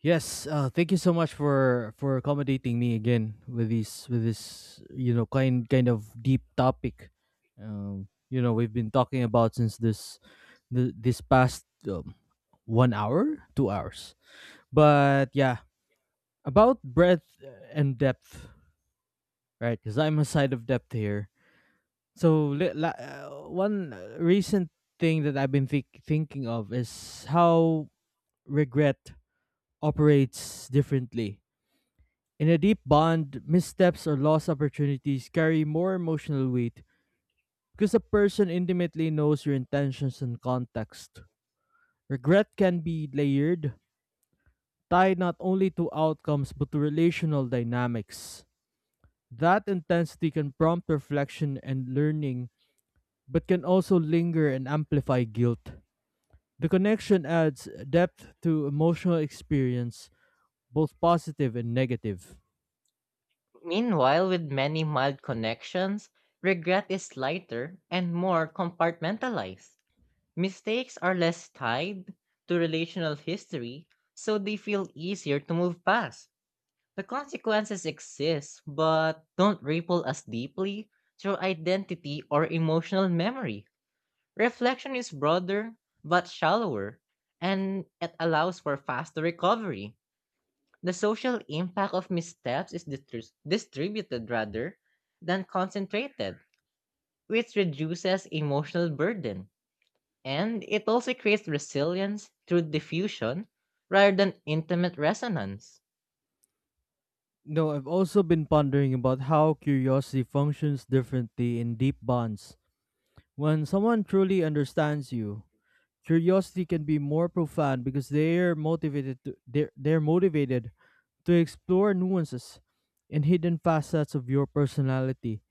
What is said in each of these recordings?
Yes, thank you so much for accommodating me again with this kind of deep topic. We've been talking about since this past 1 hour, 2 hours. But yeah, about breadth and depth, right? Because I'm a side of depth here. So one recent thing that I've been thinking of is how regret operates differently. In a deep bond, missteps or lost opportunities carry more emotional weight because the person intimately knows your intentions and context. Regret can be layered, tied not only to outcomes but to relational dynamics. That intensity can prompt reflection and learning, but can also linger and amplify guilt. The connection adds depth to emotional experience, both positive and negative. Meanwhile, with many mild connections, regret is lighter and more compartmentalized. Mistakes are less tied to relational history, so they feel easier to move past. The consequences exist but don't ripple as deeply through identity or emotional memory. Reflection is broader but shallower, and it allows for faster recovery. The social impact of missteps is distributed rather than concentrated, which reduces emotional burden. And it also creates resilience through diffusion rather than intimate resonance. No, I've also been pondering about how curiosity functions differently in deep bonds. When someone truly understands you, curiosity can be more profound because they're motivated to explore nuances and hidden facets of your personality.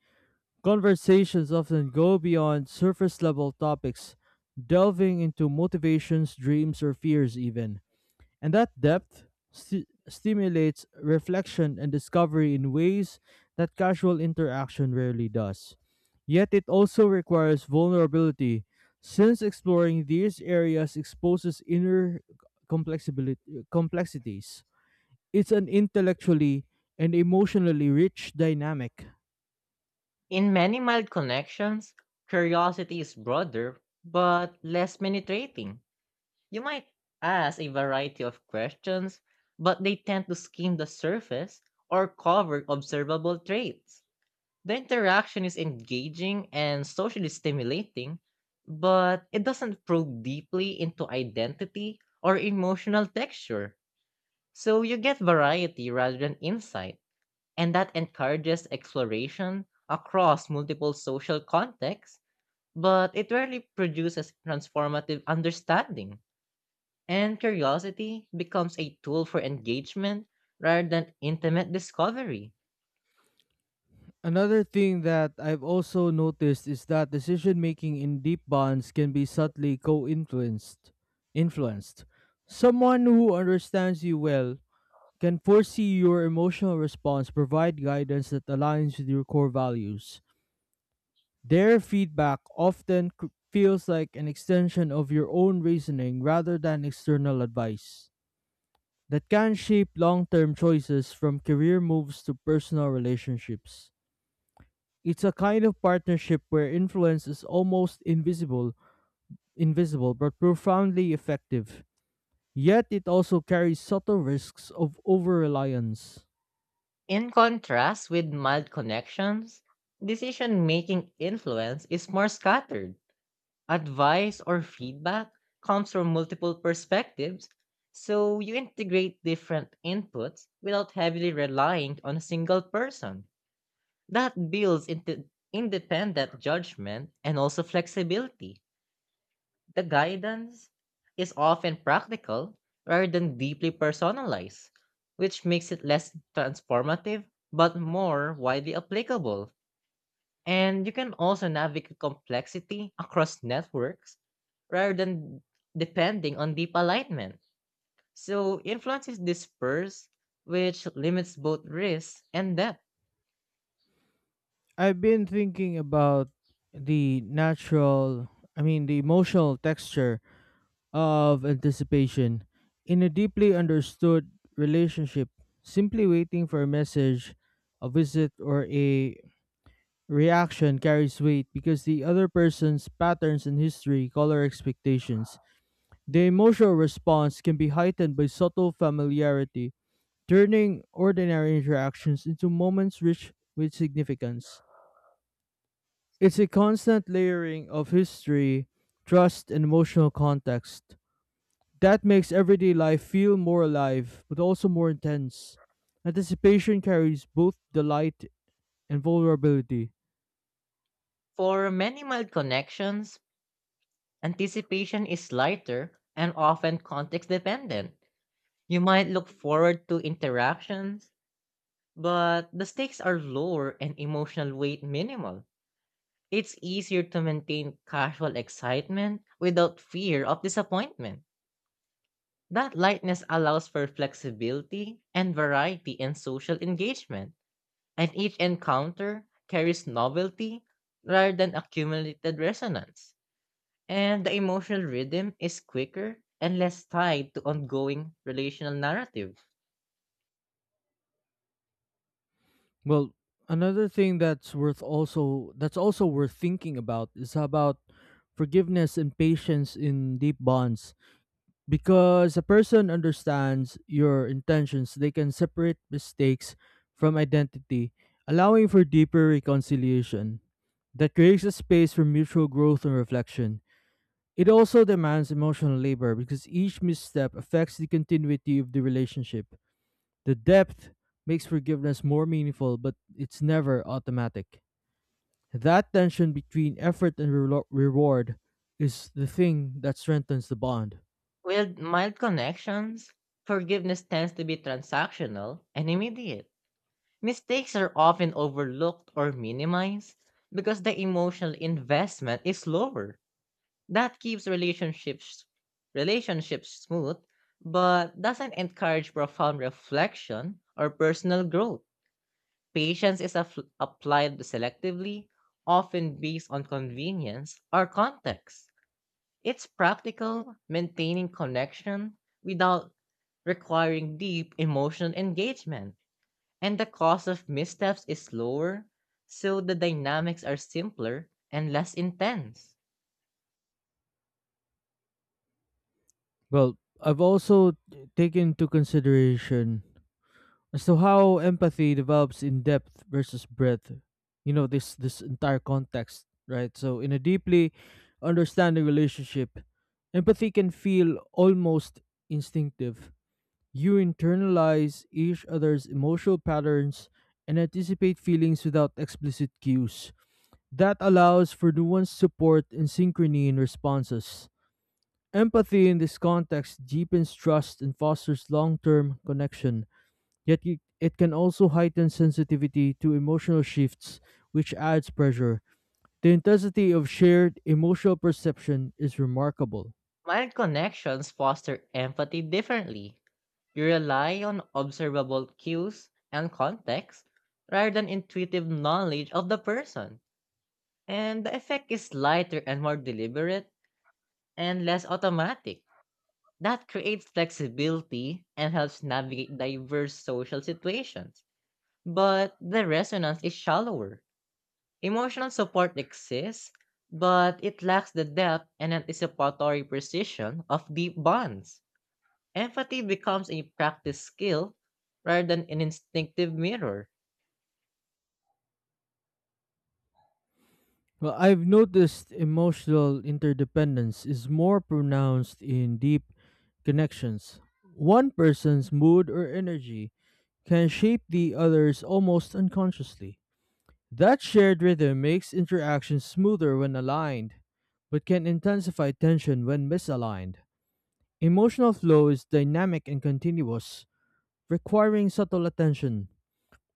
Conversations often go beyond surface level topics, delving into motivations, dreams, or fears, even. And that depth stimulates reflection and discovery in ways that casual interaction rarely does. Yet it also requires vulnerability, since exploring these areas exposes inner complexibility complexities. It's an intellectually and emotionally rich dynamic. In many mild connections, curiosity is broader but less penetrating. You might ask a variety of questions, but they tend to skim the surface or cover observable traits. The interaction is engaging and socially stimulating, but it doesn't probe deeply into identity or emotional texture. So you get variety rather than insight, and that encourages exploration across multiple social contexts, but it rarely produces transformative understanding. And curiosity becomes a tool for engagement rather than intimate discovery. Another thing that I've also noticed is that decision making in deep bonds can be subtly co-influenced. Influenced. Someone who understands you well can foresee your emotional response, provide guidance that aligns with your core values. Their feedback feels like an extension of your own reasoning rather than external advice. That can shape long term choices from career moves to personal relationships. It's a kind of partnership where influence is almost invisible but profoundly effective. Yet it also carries subtle risks of over reliance. In contrast with mild connections, decision making influence is more scattered. Advice or feedback comes from multiple perspectives, so you integrate different inputs without heavily relying on a single person. That builds into independent judgment and also flexibility. The guidance is often practical rather than deeply personalized, which makes it less transformative but more widely applicable. And you can also navigate complexity across networks rather than depending on deep alignment. So influence is dispersed, which limits both risk and depth. I've been thinking about the natural, I mean, the emotional texture of anticipation. In a deeply understood relationship, simply waiting for a message, a visit, or a reaction carries weight because the other person's patterns in history color expectations. The emotional response can be heightened by subtle familiarity, turning ordinary interactions into moments rich with significance. It's a constant layering of history, trust, and emotional context that makes everyday life feel more alive but also more intense. Anticipation carries both delight and vulnerability. For many mild connections, anticipation is lighter and often context dependent. You might look forward to interactions, but the stakes are lower and emotional weight minimal. It's easier to maintain casual excitement without fear of disappointment. That lightness allows for flexibility and variety in social engagement, and each encounter carries novelty rather than accumulated resonance. And the emotional rhythm is quicker and less tied to ongoing relational narrative. Well, another thing that's also worth thinking about is about forgiveness and patience in deep bonds. Because a person understands your intentions, they can separate mistakes from identity, allowing for deeper reconciliation. That creates a space for mutual growth and reflection. It also demands emotional labor because each misstep affects the continuity of the relationship. The depth makes forgiveness more meaningful, but it's never automatic. That tension between effort and reward is the thing that strengthens the bond. With mild connections, forgiveness tends to be transactional and immediate. Mistakes are often overlooked or minimized because the emotional investment is lower. That keeps relationships smooth but doesn't encourage profound reflection or personal growth. Patience is applied selectively, often based on convenience or context. It's practical maintaining connection without requiring deep emotional engagement. And the cost of missteps is lower, so the dynamics are simpler and less intense. Well, I've also taken into consideration as to how empathy develops in depth versus breadth. This entire context, right? So in a deeply understanding relationship, empathy can feel almost instinctive. You internalize each other's emotional patterns and anticipate feelings without explicit cues. That allows for nuanced support and synchrony in responses. Empathy in this context deepens trust and fosters long term connection, yet it can also heighten sensitivity to emotional shifts, which adds pressure. The intensity of shared emotional perception is remarkable. Mild connections foster empathy differently. You rely on observable cues and context rather than intuitive knowledge of the person. And the effect is lighter and more deliberate and less automatic. That creates flexibility and helps navigate diverse social situations. But the resonance is shallower. Emotional support exists, but it lacks the depth and anticipatory precision of deep bonds. Empathy becomes a practice skill rather than an instinctive mirror. Well, I've noticed emotional interdependence is more pronounced in deep connections. One person's mood or energy can shape the other's almost unconsciously. That shared rhythm makes interactions smoother when aligned, but can intensify tension when misaligned. Emotional flow is dynamic and continuous, requiring subtle attention.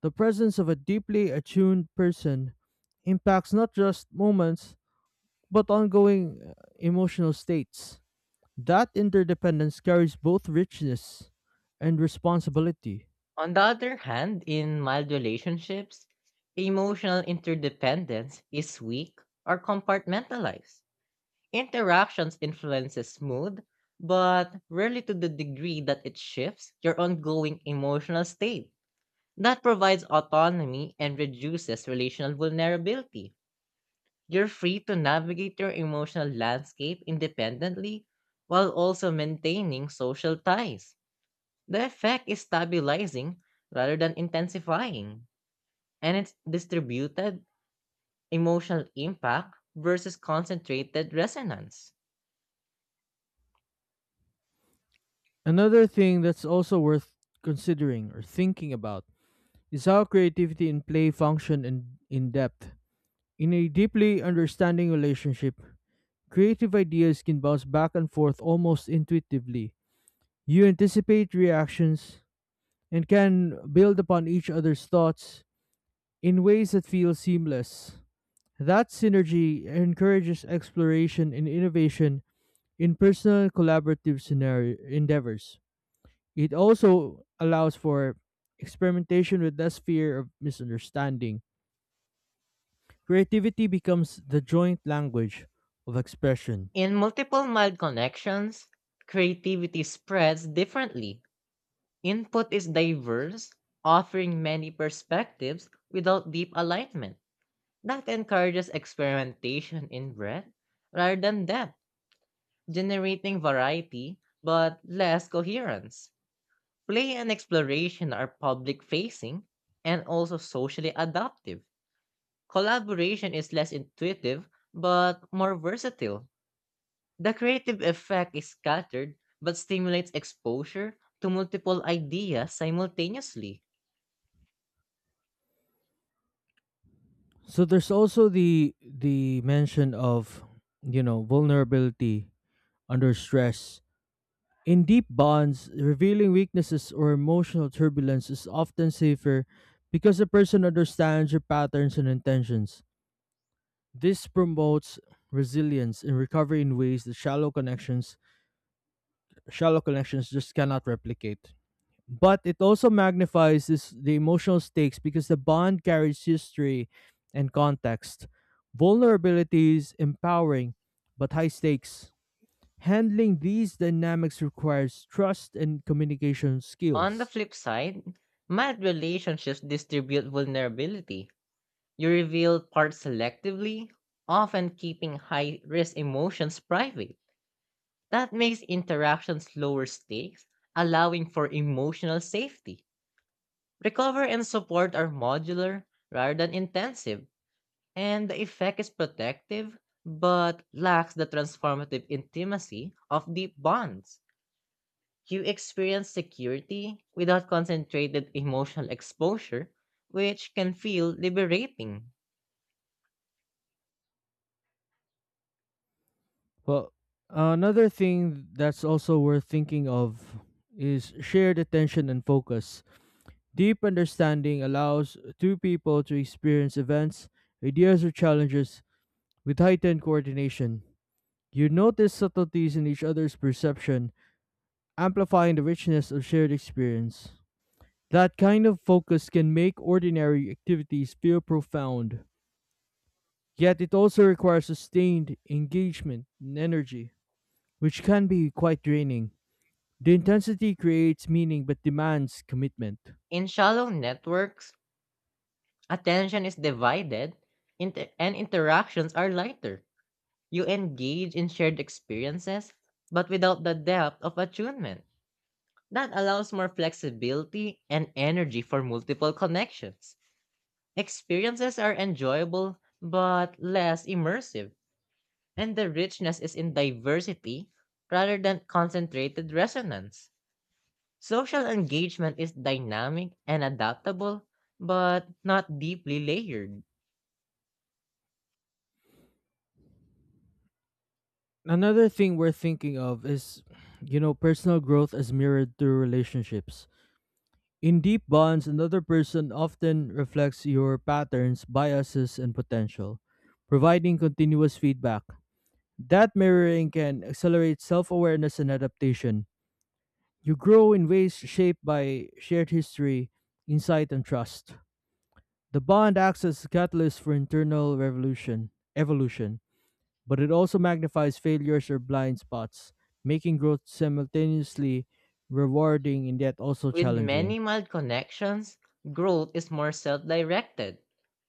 The presence of a deeply attuned person impacts not just moments but ongoing emotional states. That interdependence carries both richness and responsibility. On the other hand, in mild relationships, emotional interdependence is weak or compartmentalized. Interactions influences mood, but rarely to the degree that it shifts your ongoing emotional state. That provides autonomy and reduces relational vulnerability. You're free to navigate your emotional landscape independently while also maintaining social ties. The effect is stabilizing rather than intensifying, and it's distributed emotional impact versus concentrated resonance. Another thing that's also worth considering or thinking about is how creativity and play function in depth. In a deeply understanding relationship, creative ideas can bounce back and forth almost intuitively. You anticipate reactions and can build upon each other's thoughts in ways that feel seamless. That synergy encourages exploration and innovation in personal and collaborative scenario endeavors. It also allows for experimentation with less fear of misunderstanding. Creativity becomes the joint language of expression. In multiple mild connections, creativity spreads differently. Input is diverse, offering many perspectives without deep alignment. That encourages experimentation in breadth rather than depth, generating variety but less coherence. Play and exploration are public facing and also socially adaptive. Collaboration is less intuitive but more versatile. The creative effect is scattered but stimulates exposure to multiple ideas simultaneously. So there's also the mention of vulnerability under stress. In deep bonds, revealing weaknesses or emotional turbulence is often safer because the person understands your patterns and intentions. This promotes resilience and recovery in ways that shallow connections just cannot replicate. But it also magnifies the emotional stakes because the bond carries history and context. Vulnerabilities empowering but high stakes. Handling these dynamics requires trust and communication On the skills. flip side, mild relationships distribute vulnerability. You reveal parts selectively, often keeping high risk emotions private. That makes interactions lower stakes, allowing for emotional safety. Recover and support are modular rather than intensive, and the effect is protective but lacks the transformative intimacy of deep bonds. You experience security without concentrated emotional exposure, which can feel liberating. Well, another thing that's also worth thinking of is shared attention and focus. Deep understanding allows two people to experience events, ideas, or challenges with heightened coordination. You notice subtleties in each other's perception, amplifying the richness of shared experience. That kind of focus can make ordinary activities feel profound. Yet it also requires sustained engagement and energy, which can be quite draining. The intensity creates meaning but demands commitment. In shallow networks, attention is divided and interactions are lighter. You engage in shared experiences, but without the depth of attunement. That allows more flexibility and energy for multiple connections. Experiences are enjoyable, but less immersive. And the richness is in diversity rather than concentrated resonance. Social engagement is dynamic and adaptable, but not deeply layered. Another thing worth thinking of is, personal growth as mirrored through relationships. In deep bonds, another person often reflects your patterns, biases, and potential, providing continuous feedback. That mirroring can accelerate self awareness and adaptation. You grow in ways shaped by shared history, insight, and trust. The bond acts as a catalyst for internal evolution, but it also magnifies failures or blind spots, making growth simultaneously rewarding and yet also With challenging. many mild connections, growth is more self directed.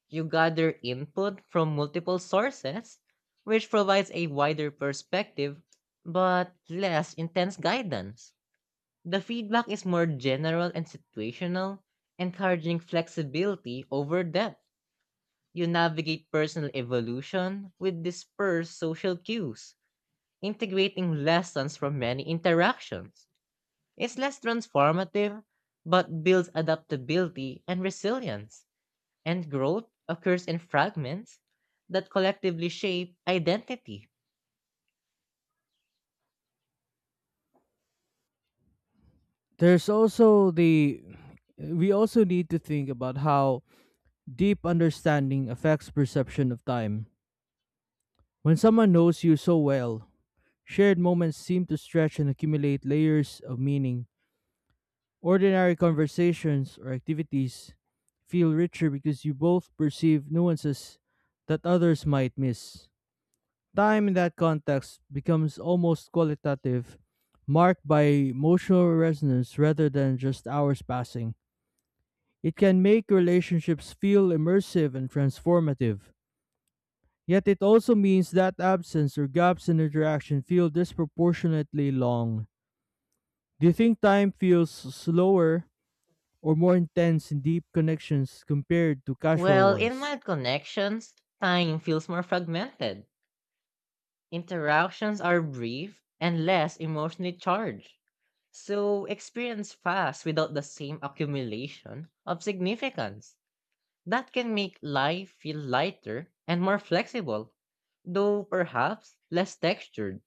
You gather input from multiple sources, which provides a wider perspective but less intense guidance. The feedback is more general and situational, encouraging flexibility over depth. You navigate personal evolution with dispersed social cues, integrating lessons from many interactions. It's less transformative, but builds adaptability and resilience, and growth occurs in fragments that collectively shape identity. There's also the we also need to think about how deep understanding affects perception of time. When someone knows you so well, shared moments seem to stretch and accumulate layers of meaning. Ordinary conversations or activities feel richer because you both perceive nuances that others might miss. Time in that context becomes almost qualitative, marked by emotional resonance rather than just hours passing. It can make relationships feel immersive and transformative. Yet it also means that absence or gaps in interaction feel disproportionately long. Do you think time feels slower or more intense and deep connections compared to casual Well, in ones? mild connections, time feels more fragmented. Interactions are brief and less emotionally charged. So experience fast without the same accumulation of significance. That can make life feel lighter and more flexible, though perhaps less textured.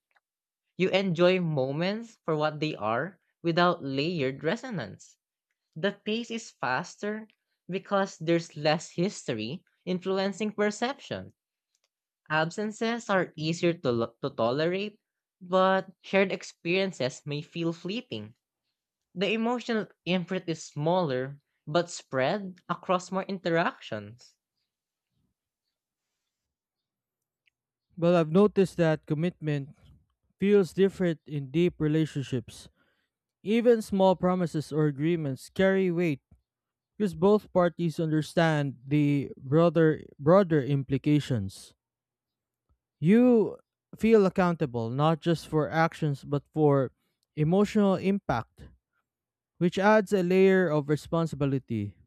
You enjoy moments for what they are without layered resonance. The pace is faster because there's less history influencing perception. Absences are easier to tolerate, but shared experiences may feel fleeting. The emotional imprint is smaller, but spread across more interactions. But I've noticed that commitment feels different in deep relationships. Even small promises or agreements carry weight because both parties understand the broader implications. You feel accountable not just for actions but for emotional impact, which adds a layer of responsibility.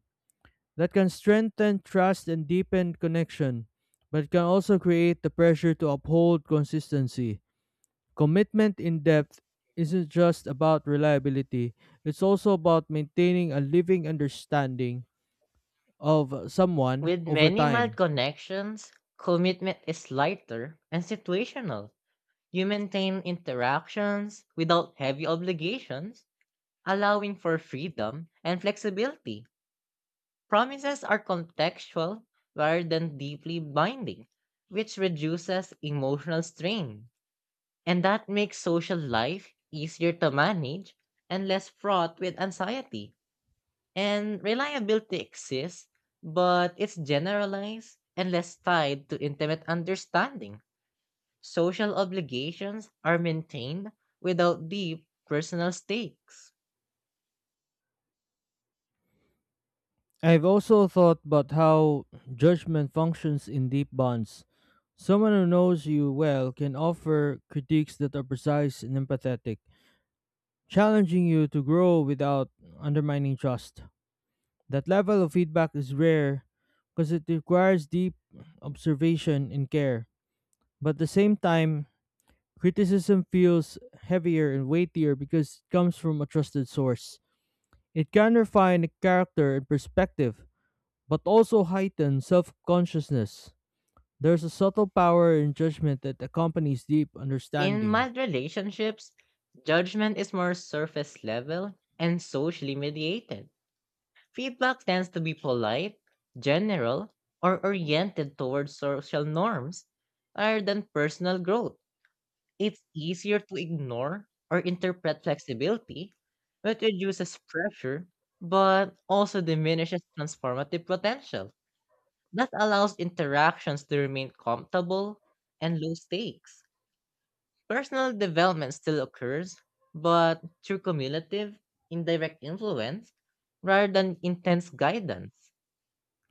That can strengthen trust and deepen connection, but can also create the pressure to uphold consistency. Commitment in depth isn't just about reliability, it's also about maintaining a living understanding of someone With over many mild time. connections, commitment is lighter and situational. You maintain interactions without heavy obligations, allowing for freedom and flexibility. Promises are contextual rather than deeply binding, which reduces emotional strain. And that makes social life easier to manage and less fraught with anxiety. And reliability exists, but it's generalized and less tied to intimate understanding. Social obligations are maintained without deep personal stakes. I've also thought about how judgment functions in deep bonds. Someone who knows you well can offer critiques that are precise and empathetic, challenging you to grow without undermining trust. That level of feedback is rare because it requires deep observation and care. But at the same time, criticism feels heavier and weightier because it comes from a trusted source. It can refine character and perspective, but also heighten self consciousness. There's a subtle power in judgment that accompanies deep In understanding. mild relationships, judgment is more surface level and socially mediated. Feedback tends to be polite, general, or oriented towards social norms rather than personal growth. It's easier to ignore or interpret flexibility, which reduces pressure but also diminishes transformative potential. That allows interactions to remain comfortable and low stakes. Personal development still occurs, but through cumulative, indirect influence rather than intense guidance.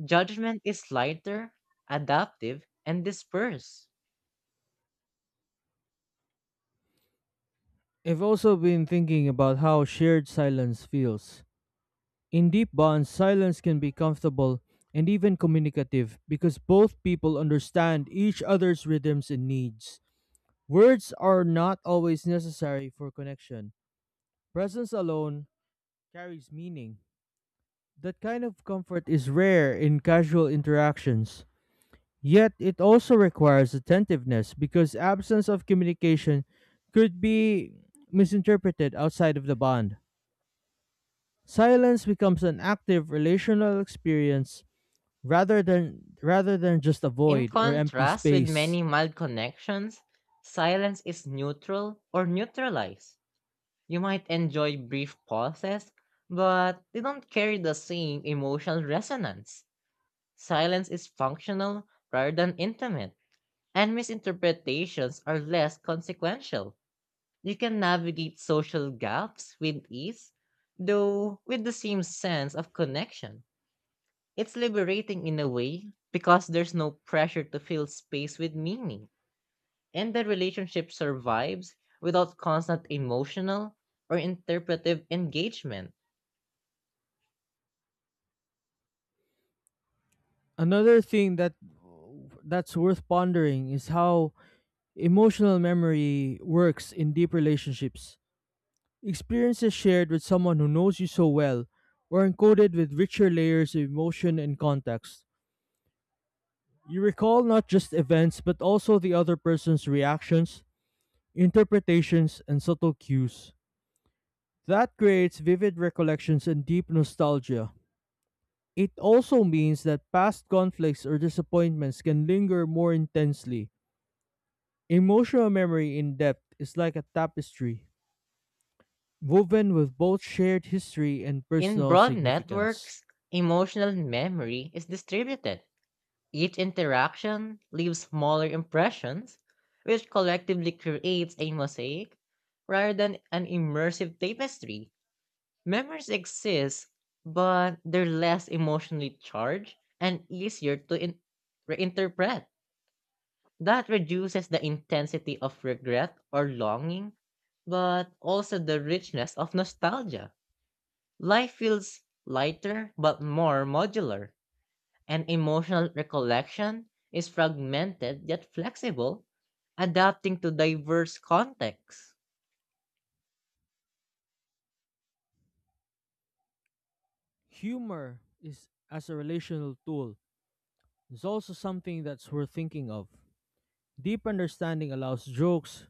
Judgment is lighter, adaptive, and dispersed. I've also been thinking about how shared silence feels. In deep bonds, silence can be comfortable and even communicative because both people understand each other's rhythms and needs. Words are not always necessary for connection. Presence alone carries meaning. That kind of comfort is rare in casual interactions. Yet it also requires attentiveness because absence of communication could be misinterpreted outside of the bond. Silence becomes an active relational experience rather than just a In void or empty contrast with many space. mild connections, silence is neutral or neutralized. You might enjoy brief pauses, but they don't carry the same emotional resonance. Silence is functional rather than intimate, and misinterpretations are less consequential. You can navigate social gaps with ease, though with the same sense of connection. It's liberating in a way because there's no pressure to fill space with meaning, and the relationship survives without constant emotional or interpretive engagement. Another thing that's worth pondering is how emotional memory works in deep relationships. Experiences shared with someone who knows you so well are encoded with richer layers of emotion and context. You recall not just events but also the other person's reactions, interpretations, and subtle cues. That creates vivid recollections and deep nostalgia. It also means that past conflicts or disappointments can linger more intensely. Emotional memory in depth is like a tapestry, woven with both shared history and In personal broad significance. networks, emotional memory is distributed. Each interaction leaves smaller impressions, which collectively creates a mosaic rather than an immersive tapestry. Memories exist, but they're less emotionally charged and easier to reinterpret. That reduces the intensity of regret or longing, but also the richness of nostalgia. Life feels lighter but more modular, and emotional recollection is fragmented yet flexible, adapting to diverse contexts. Humor is as a relational tool is also something that's worth thinking of. Deep understanding allows jokes,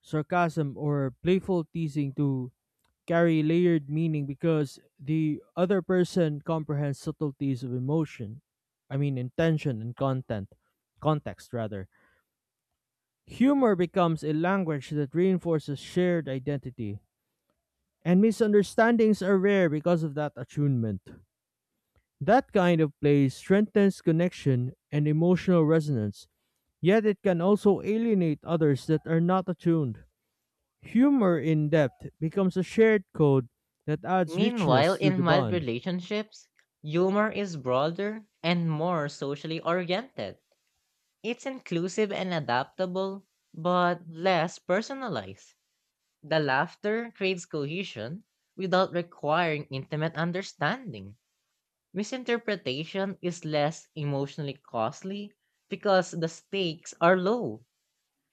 sarcasm, or playful teasing to carry layered meaning because the other person comprehends subtleties of emotion. Intention and context rather. Humor becomes a language that reinforces shared identity, and misunderstandings are rare because of that attunement. That kind of play strengthens connection and emotional resonance, yet it can also alienate others that are not attuned. Humor in depth becomes a shared code that adds Meanwhile, richness to in the mild bond. relationships, humor is broader and more socially oriented. It's inclusive and adaptable, but less personalized. The laughter creates cohesion without requiring intimate understanding. Misinterpretation is less emotionally costly because the stakes are low.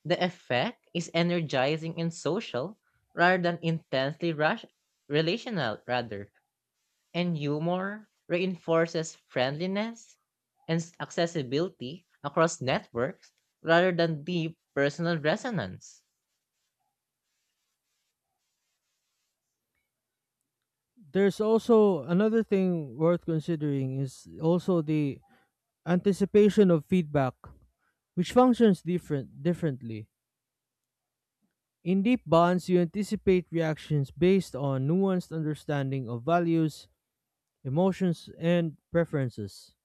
The effect is energizing and social rather than intensely relational rather, and humor reinforces friendliness and accessibility across networks rather than deep personal resonance. There's also another thing worth considering is also the anticipation of feedback, which functions differently. In deep bonds, you anticipate reactions based on nuanced understanding of values, emotions, and preferences.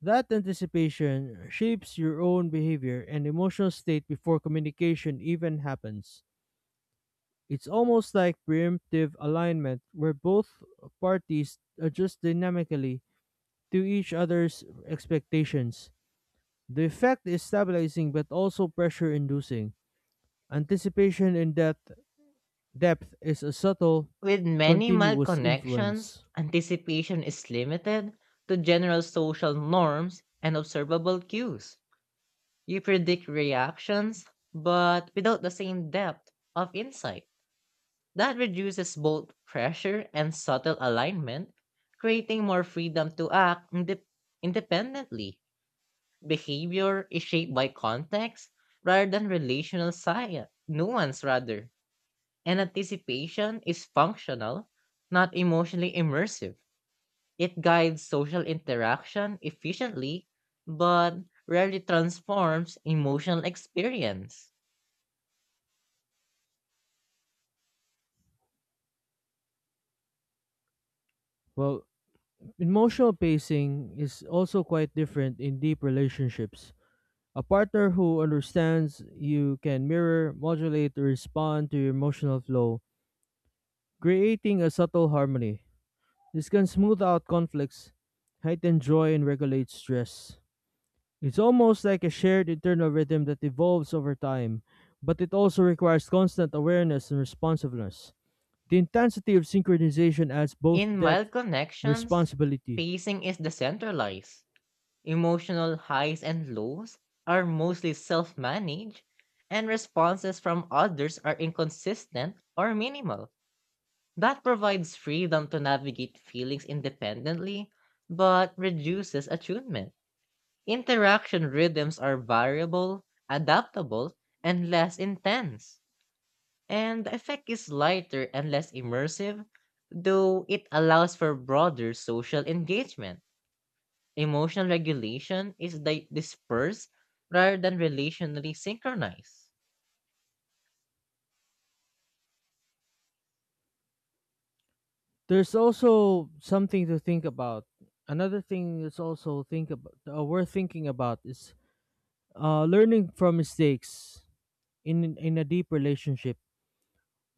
That anticipation shapes your own behavior and emotional state before communication even happens. It's almost like preemptive alignment, where both parties adjust dynamically to each other's expectations. The effect is stabilizing but also pressure inducing. Anticipation in depth is a subtle, With many mild continuous connections, influence. anticipation is limited to general social norms and observable cues. You predict reactions, but without the same depth of insight. That reduces both pressure and subtle alignment, creating more freedom to act independently. Behavior is shaped by context rather than relational science, nuance rather. And anticipation is functional, not emotionally immersive. It guides social interaction efficiently, but rarely transforms emotional experience. Well, emotional pacing is also quite different in deep relationships. A partner who understands you can mirror, modulate, or respond to your emotional flow, creating a subtle harmony. This can smooth out conflicts, heighten joy, and regulate stress. It's almost like a shared internal rhythm that evolves over time, but it also requires constant awareness and responsiveness. The intensity of synchronization adds both In depth mild and connections, responsibility. pacing is decentralized. Emotional highs and lows are mostly self managed, and responses from others are inconsistent or minimal. That provides freedom to navigate feelings independently, but reduces attunement. Interaction rhythms are variable, adaptable, and less intense. And the effect is lighter and less immersive, though it allows for broader social engagement. Emotional regulation is dispersed rather than relationally synchronized. There's also something to think about. Another thing that's also think about worth thinking about is learning from mistakes in a deep relationship.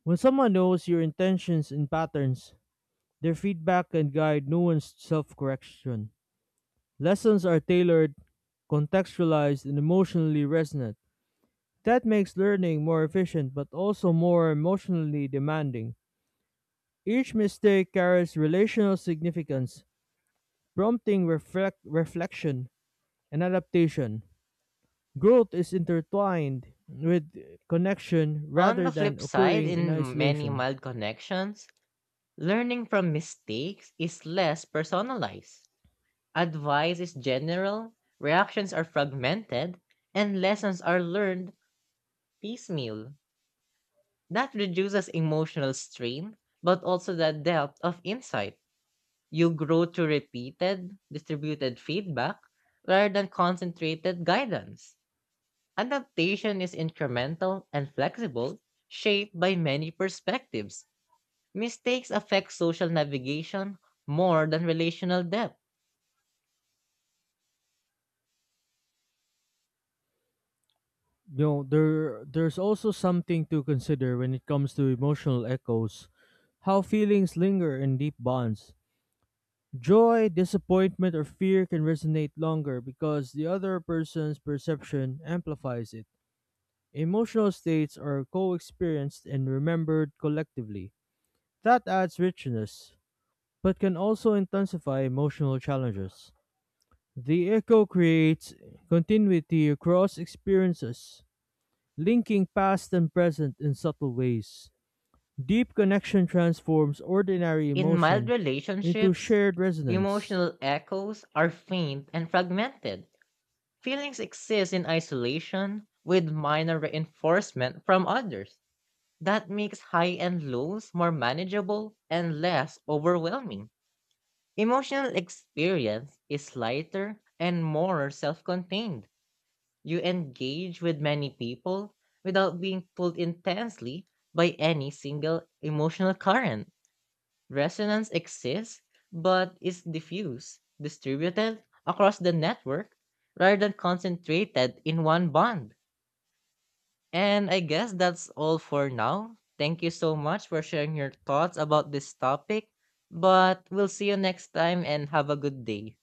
When someone knows your intentions and patterns, their feedback can guide nuanced self-correction. Lessons are tailored, contextualized, and emotionally resonant. That makes learning more efficient but also more emotionally demanding. Each mistake carries relational significance, prompting reflection and adaptation. Growth is intertwined with connection On rather the than flip side, occurring in in many isolation. mild connections, learning from mistakes is less personalized. Advice is general, reactions are fragmented, and lessons are learned piecemeal. That reduces emotional strain, but also the depth of insight. You grow through repeated, distributed feedback rather than concentrated guidance. Adaptation is incremental and flexible, shaped by many perspectives. Mistakes affect social navigation more than relational depth. You know, there's also something to consider when it comes to emotional echoes, how feelings linger in deep bonds. Joy, disappointment, or fear can resonate longer because the other person's perception amplifies it. Emotional states are co experienced and remembered collectively. That adds richness, but can also intensify emotional challenges. The echo creates continuity across experiences, linking past and present in subtle ways. Deep connection transforms ordinary In mild emotion into relationships, shared resonance. emotional echoes are faint and fragmented. Feelings exist in isolation with minor reinforcement from others. That makes high and lows more manageable and less overwhelming. Emotional experience is lighter and more self contained. You engage with many people without being pulled intensely by any single emotional current. Resonance exists, but is diffuse, distributed across the network rather than concentrated in one bond. And I guess that's all for now. Thank you so much for sharing your thoughts about this topic. But we'll see you next time and have a good day.